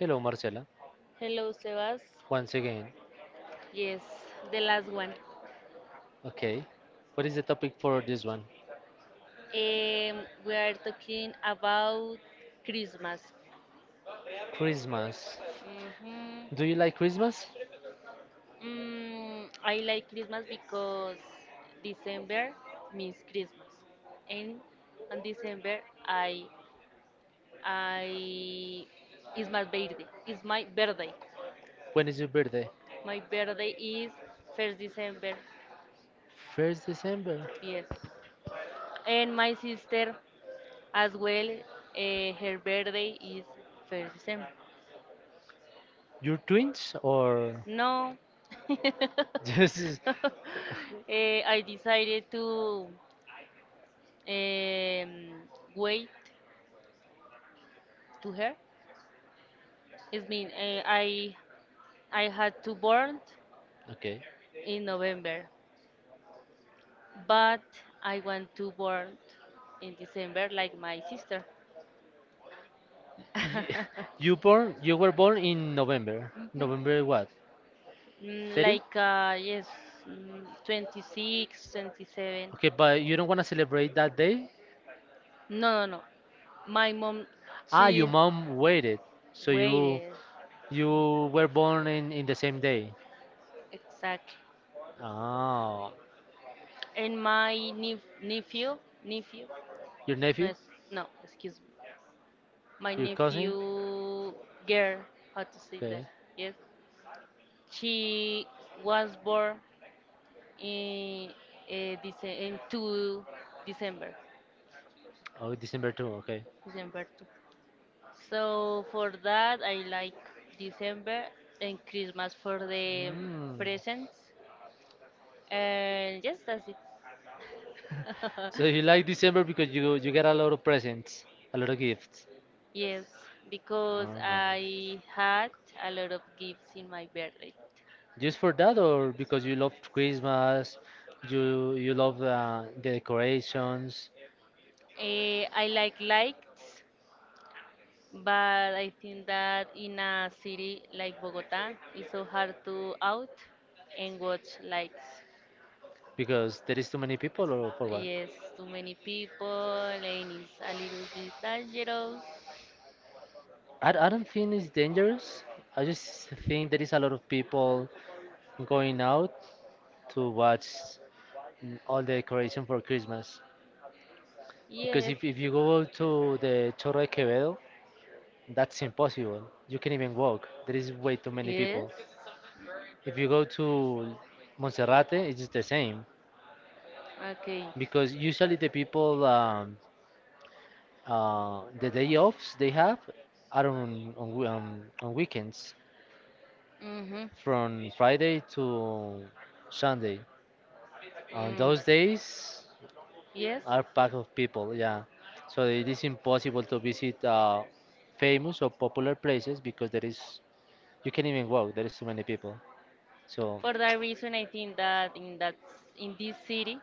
Hello, Marcela. Hello, Sebas. Once again. Yes, the last one. Okay. What is the topic for this one? We are talking about Christmas. Christmas. Do you Hmm. like Christmas? I like Christmas because December means Christmas, and on December I I is my birthday. It's my birthday. When is your birthday? My birthday is first December. First December. Yes, and my sister as well, her birthday is first December. You're twins or No. this is I decided to um, wait to her. It mean I had to born okay. in November, but I want to born in December like my sister. You, you were born in November. Mhm. November what? 30? Like, yes, 26, 27. Okay, but you don't want to celebrate that day? No, no, no. My mom, Ah, your she mom waited. So you waited. You were born in the same day. Exactly. Oh, And my nephew, your no, nephew? No, excuse me. My Your cousin? nephew girl, how to say that? Okay. Yes. She was born in, uh, in 2 December, Oh, December 2, okay. December 2. So for that, I like December and Christmas for the Mm. presents. And yes, that's it. So you like December because you get a lot of presents, a lot of gifts. Yes, because Oh. I had a lot of gifts in my birthday. Just for that, or because you love Christmas, you love the decorations, I like lights, but I think that in a city like Bogota, it's so hard to out and watch lights. because there is too many people, or for what? Yes, too many people, and it's a little bit dangerous. I don't think it's dangerous. I just think there is a lot of people going out to watch all the decoration for Christmas. Because Yes. if you go to the Chorro de Quevedo, that's impossible. You can't even walk. There is way too many Yes. people. If you go to Monserrate, it's the same. Okay. Because usually the people, the day offs they have are on weekends Mm-hmm. from Friday to Sunday. On Mm. those days Yes. are packed of people, yeah. So it is impossible to visit famous or popular places because there is you can't even walk. There is too many people, so For that reason, I think that in this city,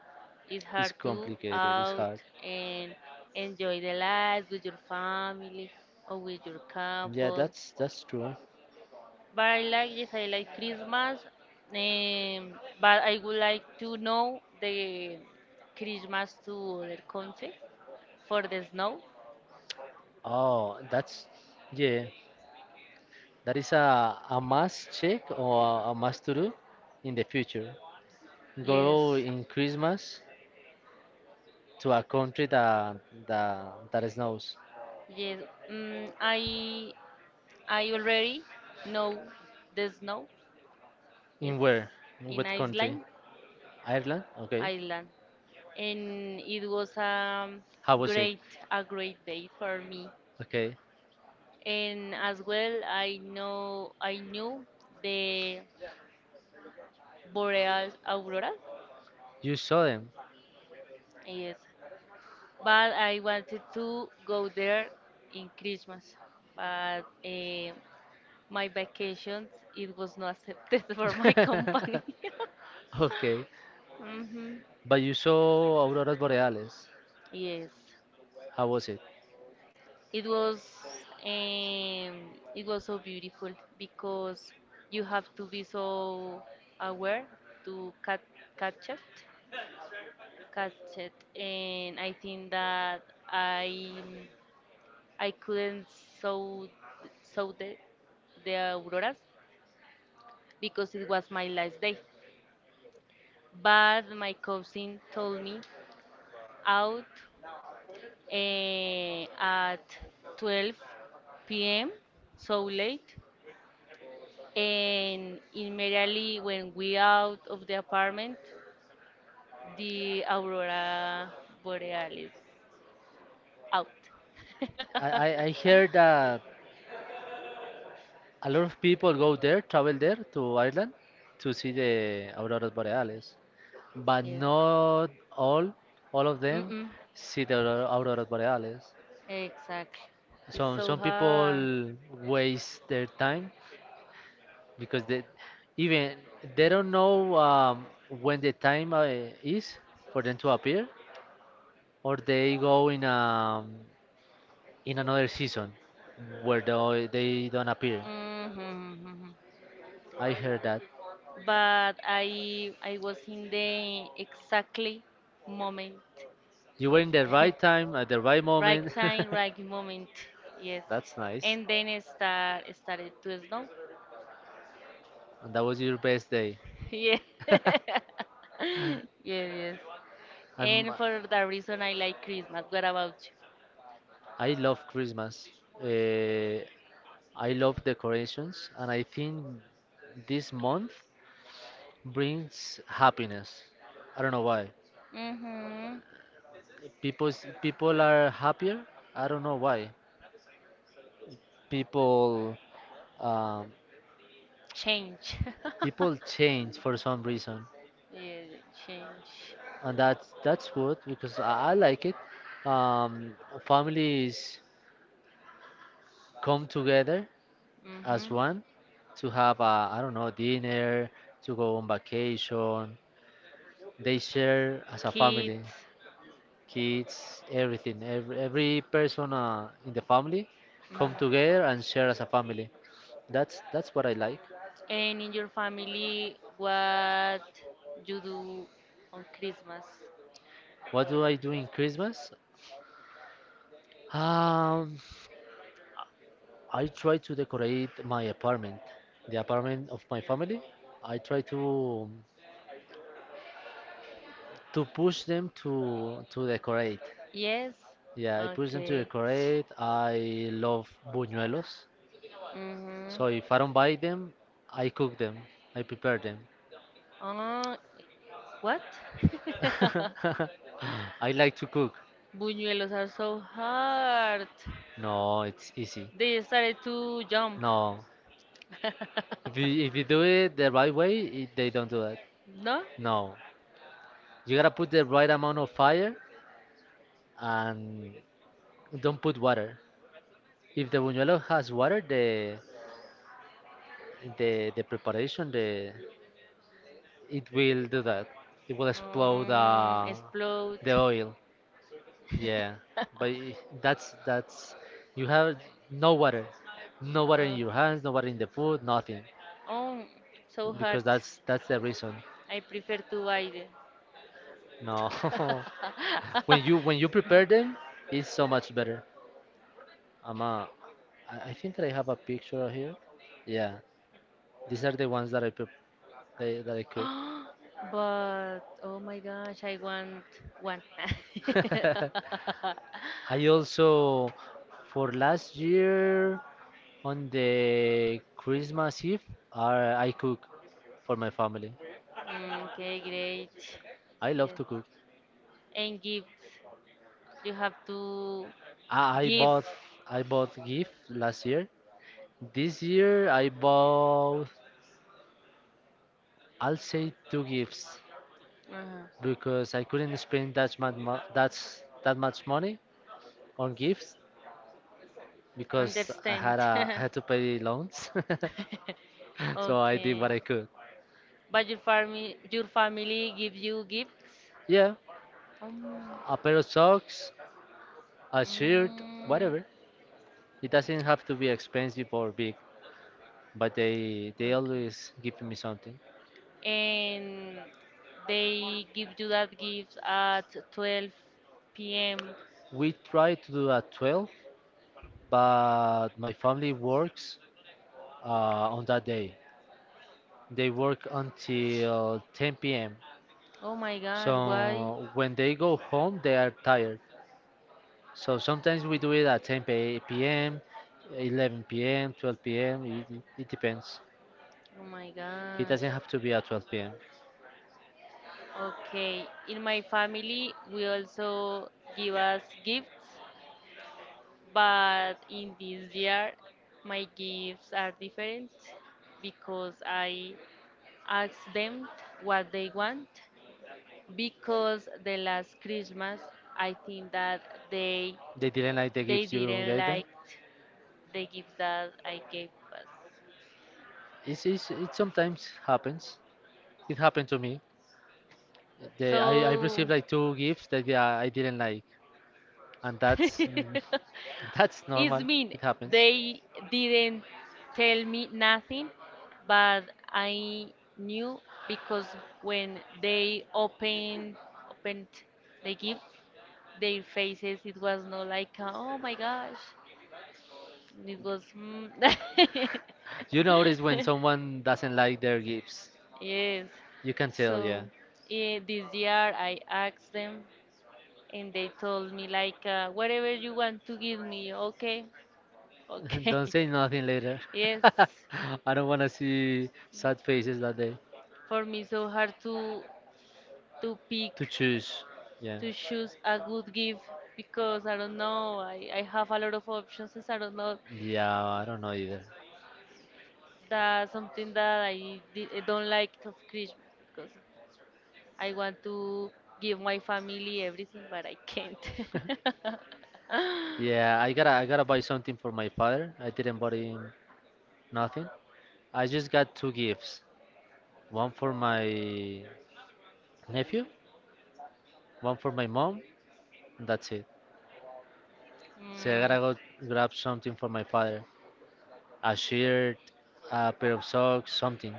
it's it's hard to complicated. It's out hard. and enjoy the life with your family or with your Yeah, couple. that's true. But I like, yes, I like Christmas. Um, but I would like to know the Christmas to other country for the snow. Oh, that's yeah. That is a must check or a must to do in the future. Go Yes. in Christmas to a country that snows. Yes. Mm, I I already know the snow. Yes, In where? In in what country? Iceland, Ireland? Okay. Iceland, and it was How was it? great a great day for me. Okay. And as well, I knew the boreal aurora. You saw them. Yes, but I wanted to go there in Christmas, but my vacation it was not accepted for my company. Okay. Hmm. But you saw auroras boreales. Yes, How was it? it was um, it was so beautiful because you have to be so aware to catch it, catch it, and I think that I I couldn't saw saw the auroras because it was my last day. But my cousin told me out at 12 p.m. so late, and immediately when we out of the apartment, the aurora borealis out. I, I, I heard that a lot of people go there, travel there to Ireland to see the auroras boreales. But Yeah. not all, all of them Mm-mm. see the auroras boreales. Exactly. It's Some so some hard. people waste their time because they even they don't know when the time is for them to appear, or they go in another season where they don't appear. Mhm. I heard that But I was in the exactly moment. you were in the right time at the right Right moment. time, right moment. Yes. That's nice, And then it started to snow. and that was your best day. Yeah. Yeah, yes. I'm, And for that reason I like Christmas. What about I love Christmas. Uh, I love decorations, and I think this month brings happiness. I don't know why. you? Mhm. People people are happier. I don't know why. People um, Change. people change for some reason, Yeah, change. As and that's good because I like it. Um, Families come together Mhm. as one to have a I don't know dinner, to go on vacation. They share as a family. Kids. Kids, everything, every person in the family Mhm. come together and share as a And family. That's what I like. in your family, what you do on Christmas? What do I do in Christmas? Um, I try to decorate my apartment, the apartment of my family. I try to push them to decorate. Yes. Yeah, I Yeah. push them to Okay. Decorate. decorate. I love buñuelos, Mhm. so if I don't So buy them, I cook them. I prepare them. Uh, what? I like to cook. Buñuelos are so hard. No, it's easy. They started to jump. No. If you do it the right way, they don't do that. No? No. You gotta put the right amount of fire and don't put water. If the buñuelo has water, the preparation, the it will do that. It will explode the Explode. the oil. Yeah. But I- that's you have no water. No water in uh, your hands, no water in the food, nothing. oh, so hard. Because that's the reason. I prefer to buy it. No. When you prepare them, it's so much better. I'm a, I think that I have a picture here. Yeah, these are the ones that I But oh my gosh, I want one. cook. I also for last year on the Christmas Eve, I cook for my family. Mm, okay, great. I love Yeah. to cook. And gifts. You have to I, I give. bought I bought gift last year. This year I'll say two gifts, Uh-huh. because I couldn't spend that much that much money on gifts because I Understand. had a I had to pay loans, so I did Okay. what I could. But your family give you gifts? Yeah, Um, a pair of socks, a shirt, mm, whatever. It doesn't have to be expensive or big, but they always give me something. Okay. And they give you that gift at 12 p.m.? We try to do at 12, but my family works on that day. They work until 10 p.m. Oh my gosh, why? So when they go home, they are tired. So sometimes we do it at 10 p.m., 11 p.m., 12 p.m. It depends. Oh my It gosh. doesn't have to be at 12 p.m. Okay, in my family, we also give us gifts, but in this year, my gifts are different because I ask them what they want because the last Christmas I think that they They didn't like the they gifts you didn't gave them. like the gifts that I gave us. It sometimes happens. It happened to me. I So received like two gifts that yeah, I didn't like, and that's it's normal. mean It happens. they didn't tell me nothing, but I knew because when they opened the gift, their faces, it was not like, oh my gosh. It was. Mm. You notice when someone doesn't like their gifts. Yes. You can tell, yeah. So this year I asked them, and they told me like whatever you want to give me, okay, okay. Don't say nothing later. Yes. I don't want to see sad faces that day. For me, so hard to pick, To choose, yeah. to choose a good gift because I don't know. I have a lot of options. And I don't know. Yeah, I don't know either. That's something that I don't like of Christmas because I want to give my family everything, but I can't. Yeah, I gotta buy something for my father. I didn't buy him nothing. I just got two gifts. One for my nephew, one for my mom, and that's it. So I Mm, gotta go grab something for my father. A shirt, a pair of socks, something.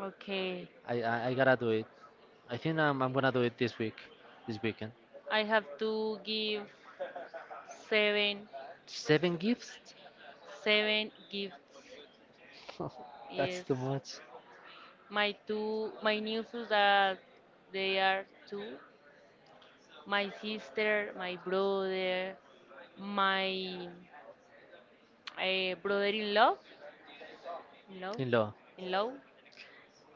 okay. I gotta do it. I think I'm gonna do it this week, this weekend. I have to give seven, Seven gifts? seven gifts. That's Yes, too much my nieces that they are two, my sister, my brother, my a brother-in-law, in law, in law. in law,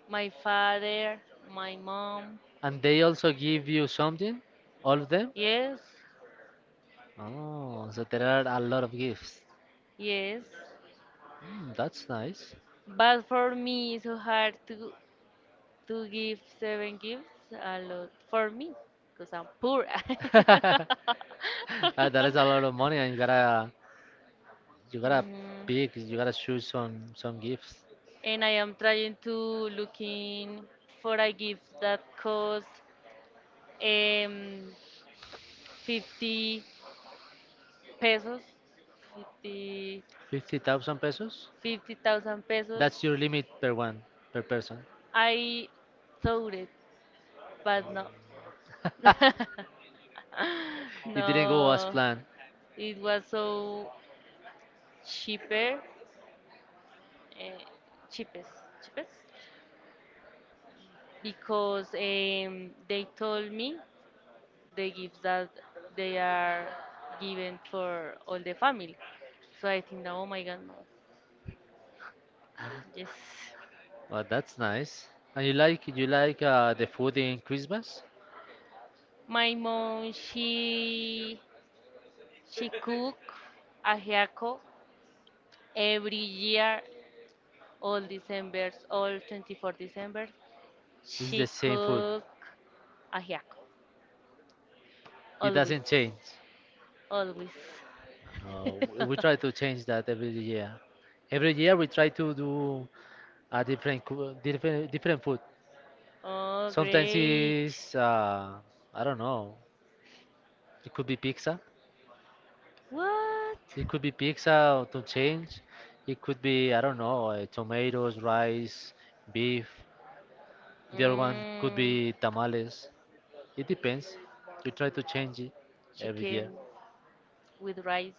my father, my mom. And they also give you something, all of them. Yes. Oh, so there are a lot of gifts. Yes. Mm, that's nice. But for me, it's so hard to give seven gifts. A lot for me, because I'm poor. That is a lot of money, and you gotta Mhm. pick, you gotta choose some gifts. And I am trying to looking for a gift that costs um, 50 pesos, 50 50,000 pesos? 50,000 pesos. That's your limit per one per person. I thought it, but no. It didn't go as No, planned. it was so cheaper, uh, cheapest, cheapest, because they told me the gifts that they are given for all the family. So I think that, oh my God, no. Yes. Well, that's nice. And you like the food in Christmas? My mom, she cook ajiaco every year, all Decembers, all 24 December. It's She the same food. cook ajiaco, It always, doesn't change. always. No, we try to change that every year. Every year we try to do a different coo- different different food. Oh, Sometimes great. it's I don't know. It could be pizza. What? It could be pizza to change. It could be I don't know tomatoes, rice, beef. The other one could Mm, be tamales. It depends. We try to change it every year. chicken with rice.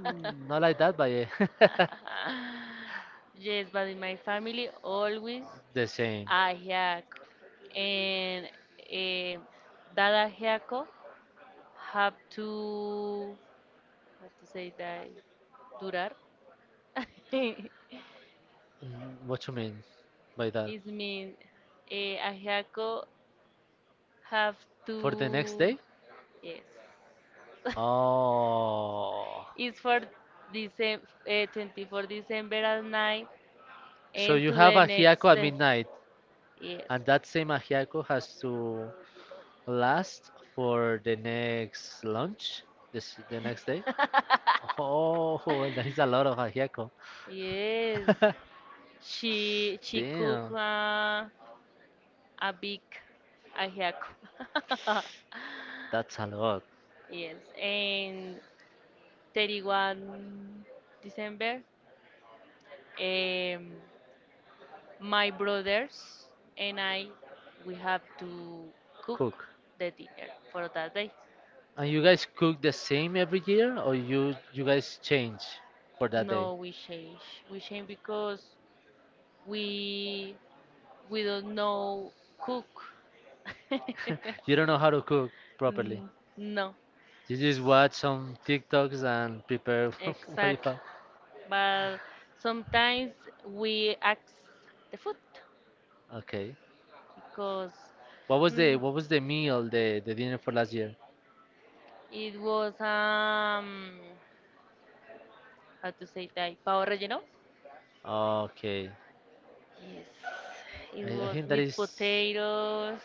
Mm. Not like that, but yeah. Yes, but in my family always The same. ajiaco, and eh, that ajiaco have to how to say that durar. It What you mean by that? mean ajiaco have For the next to day? yes. Oh. It's for December 24 December at night So and you to have the a next hiaco at day. midnight, Yes. and that same ajiaco has to last for the next lunch, the next day? Oh, that is a lot of ajiaco. Yes. She cook Damn, a big ajiaco. that's a lot. Yes, and 31 December, um, my brothers and I, we have to cook Cook. the dinner for that day. And you guys cook the same every year, or you guys change for that day? No, we change. We change because we we don't know cook. You don't know how to cook properly. Mm, no. You just watch some TikToks and prepare what you Exactly. have. But sometimes we ask the food Okay. because mm, What was the meal the dinner for last year? it was how to say that pavo relleno. Okay. Yes, it I was think that with is potatoes.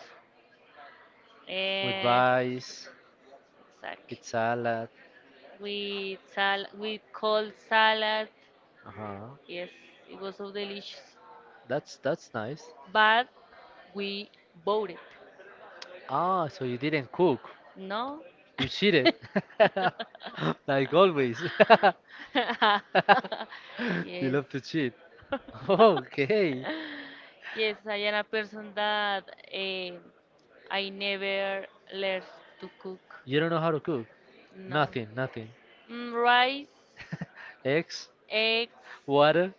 with Eh, rice, exactly. with salad. With cold salad. Uh-huh. Yes, it was so delicious. That's nice. But we bought it. Ah, so you didn't cook. No. You cheated. Like always. You love to Yes. cheat. Okay. Yes, I am a person that I never learned to cook. You don't know how to cook? No. Nothing, nothing. Mm, rice, Eggs, eggs, water.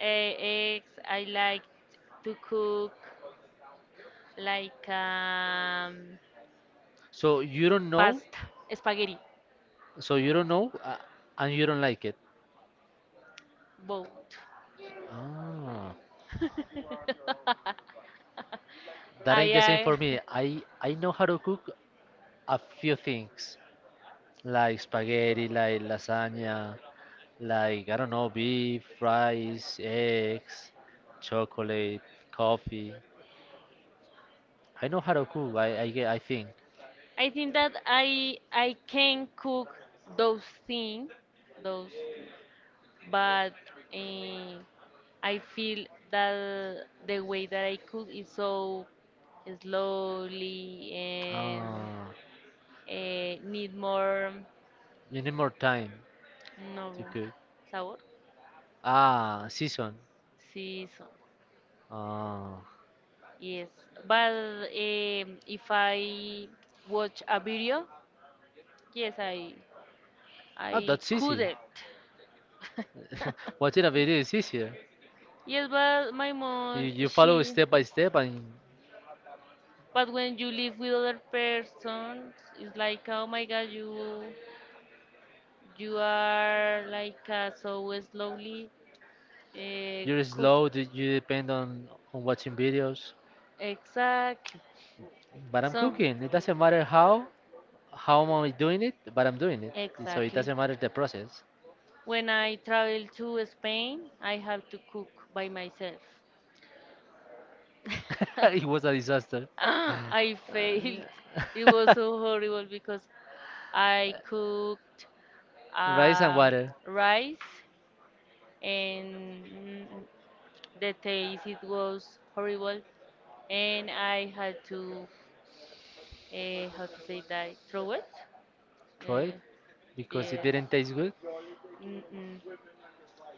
eggs. I like to cook like So you don't know. pasta, spaghetti, So you don't know, and you don't like it. both. Ah, that ain't I the same for me. I know how to cook a few things, like spaghetti, like lasagna, like I don't know, beef, rice, eggs, chocolate, coffee. I know how to cook. I get. I think. I think that I can cook those things, those. But eh, I feel that the way that I cook is so slowly and Ah, need more you need more time no to cook. sabor Ah, season. season Ah, yes but if I watch a video yes I I that's easy. couldn't Watching a video is easier. yes but my You, mom you follow she step by step and but when you live with other persons, it's like, oh my god, you you are like so slowly you're slow, cooked. You depend on watching videos. Exactly. But I'm So, cooking. It doesn't matter how am I doing it, but I'm doing it. So it exactly. doesn't matter the process. When I travel to Spain, I have to cook by myself. It was a disaster. Ah, I failed. It was so horrible because I cooked Rice and um, water, rice and the taste it was horrible and I had to how to say that, throw it. right? Uh, Because it yes. didn't taste good. Mm-mm.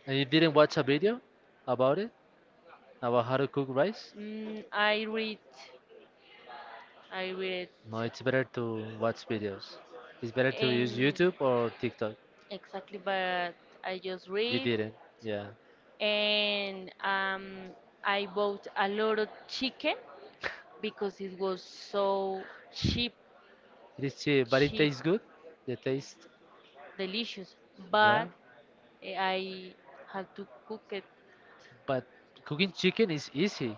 And you didn't watch a video about it, about how to cook rice? Mm, I read, I read, No, it's better to watch videos. It's better to use and YouTube or TikTok. exactly, but I just You read, didn't. Yeah. and I bought a lot of chicken because it was so cheap, It is cheap, but it cheap, tastes good. The taste. delicious. Yeah. But I had to cook it. But cooking chicken is easy.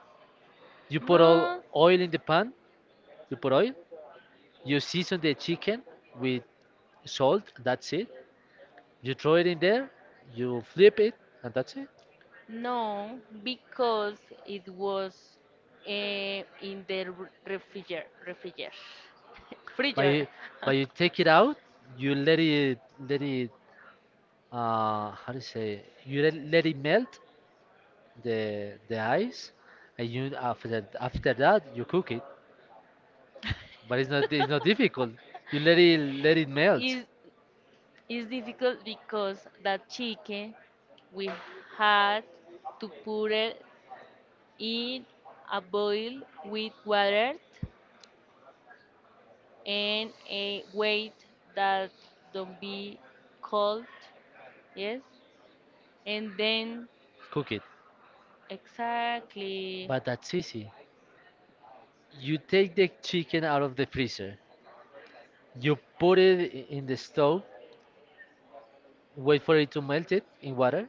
You put all No. oil in the pan. You put oil. You season the chicken with salt. That's it. You throw it in there. You flip it, and that's it. No, because it was in the r- refriger refriger But freezer. you, but you take it out. You let it how to say you let it melt the ice, and you after that you cook it. But it's not difficult. You let it melt, Is is difficult because that chicken we had to put it in a boil with water and wait that don't be cold. Yes. And then, cook it. exactly, But that's easy. You take the chicken out of the freezer. You put it in the stove. Wait for it to melt it in water.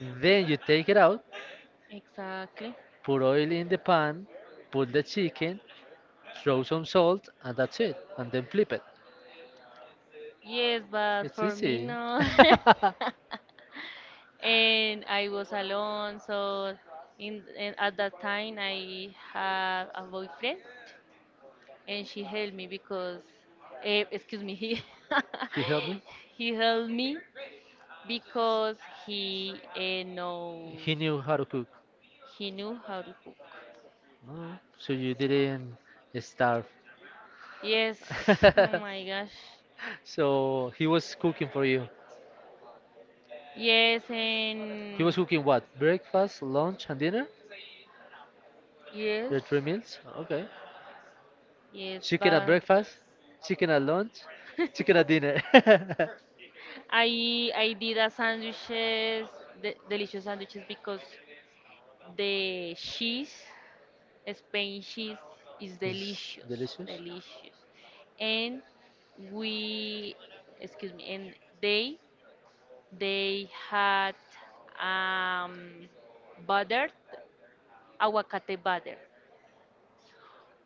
Then you take it out. exactly. Put oil in the pan. Put the chicken. Throw some salt, and that's it. And then flip it. Yes, but It's for me, easy. no. And I was alone, so and at that time I had a boyfriend, and she helped me because, excuse me, he He helped me. he helped me because he eh, know He knew how to cook, he knew how to cook. So you didn't starve. Yes, oh my gosh. So he was cooking for you. Yes He was and cooking what? Breakfast, lunch, and dinner? yes There are three meals? Okay. yes Chicken at but breakfast, chicken at lunch, chicken at dinner. I did a sandwiches, delicious sandwiches because the cheese, Spain cheese is It's delicious, delicious. delicious. And we, excuse me, and they they had um, buttered aguacate butter.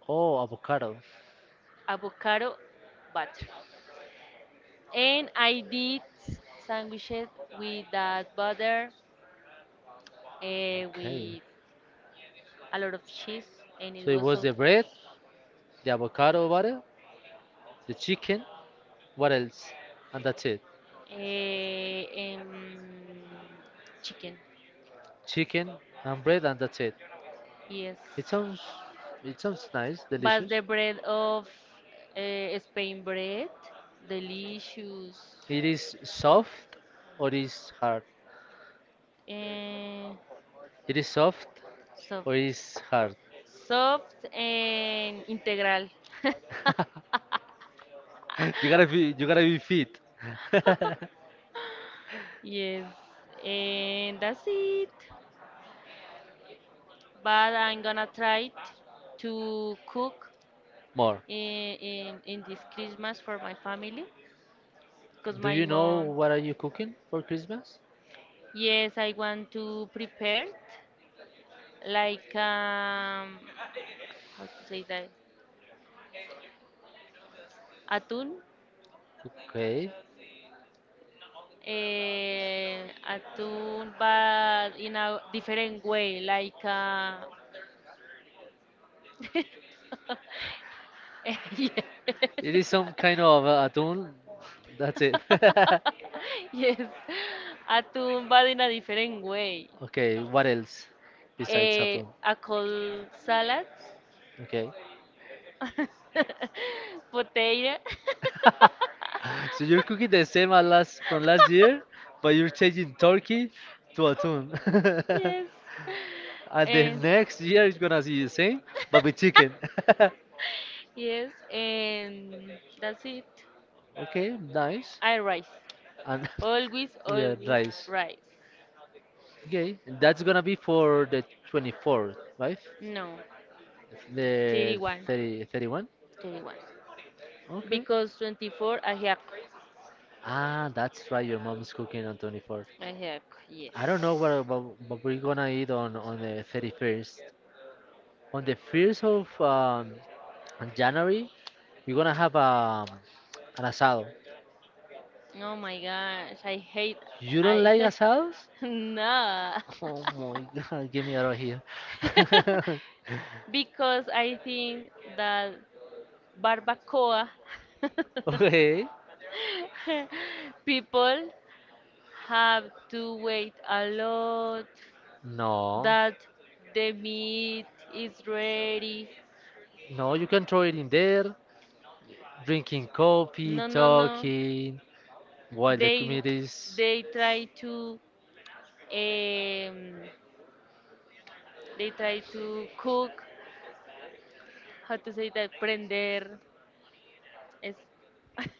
Oh, avocado. Avocado butter. And I did sandwiches with that butter Okay. with a lot of cheese, and it So it was was so the bread, the avocado butter, the chicken. What else? And that's it. uh, um, chicken. Chicken and bread, and that's it. Yes, It sounds, it sounds nice, but delicious. the bread of Spain bread, delicious It is soft or is hard? and It is soft soft, or is hard? soft and integral. You gotta be fit. Yes, and that's it. But I'm gonna try to cook More. In this Christmas for my family because Do my you know mom, what are you cooking for Christmas? yes, I want to prepare it, like, how to say that? Atún. Okay. Atún, but in a different way, like, yeah. It is some kind of atún. That's it. Yes, atún, but in a different way. Okay, what else besides atún? A cold salad, Okay. potato. So you're cooking the same as last from last year, but you're changing turkey to atún. Yes. And the Eh, next year is gonna see the same, but with chicken. yes, and that's it. Okay, nice. I rice. And Always, yeah, always nice. rice. Okay, that's gonna be for the 24th, right? No, The 31. 30, 31? 31. Okay. Because 24, ajiaco. Ah, that's right. Your mom's cooking on 24th. Ajiaco, yes. I don't know what we're gonna eat on the 31st. On the 1st of January, we're gonna have an asado. Oh my gosh, I hate You don't like I asados? no. Oh my god, give me out of here. Because I think that barbacoa Okay. people have to wait a lot No. that the meat is ready. No, you can throw it in there, drinking coffee, No, no, no. talking, while the They community is. they try to um, they try to cook how to say that prender is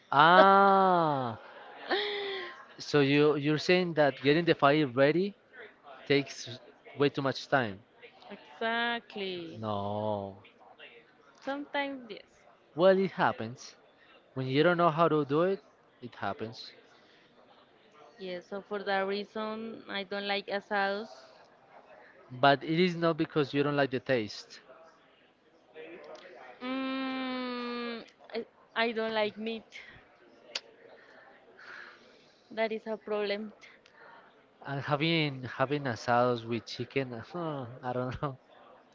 Ah, so you're saying that getting the fire ready takes way too much time. exactly No. sometimes yes Well, it happens. When you don't know how to do it, it happens. yes so for that reason I don't like asados But it is not because you don't like the taste. mm, I, I don't like meat that is a problem And having asados with chicken, huh, I don't know.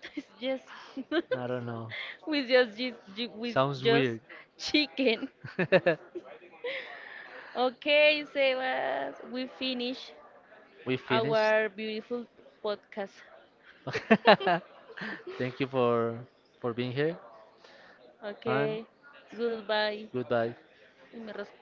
yes I don't know. with just with Sounds just weird. chicken okay sebas we finish We finished. our beautiful podcast Thank you for being here and okay goodbye goodbye. Y me res-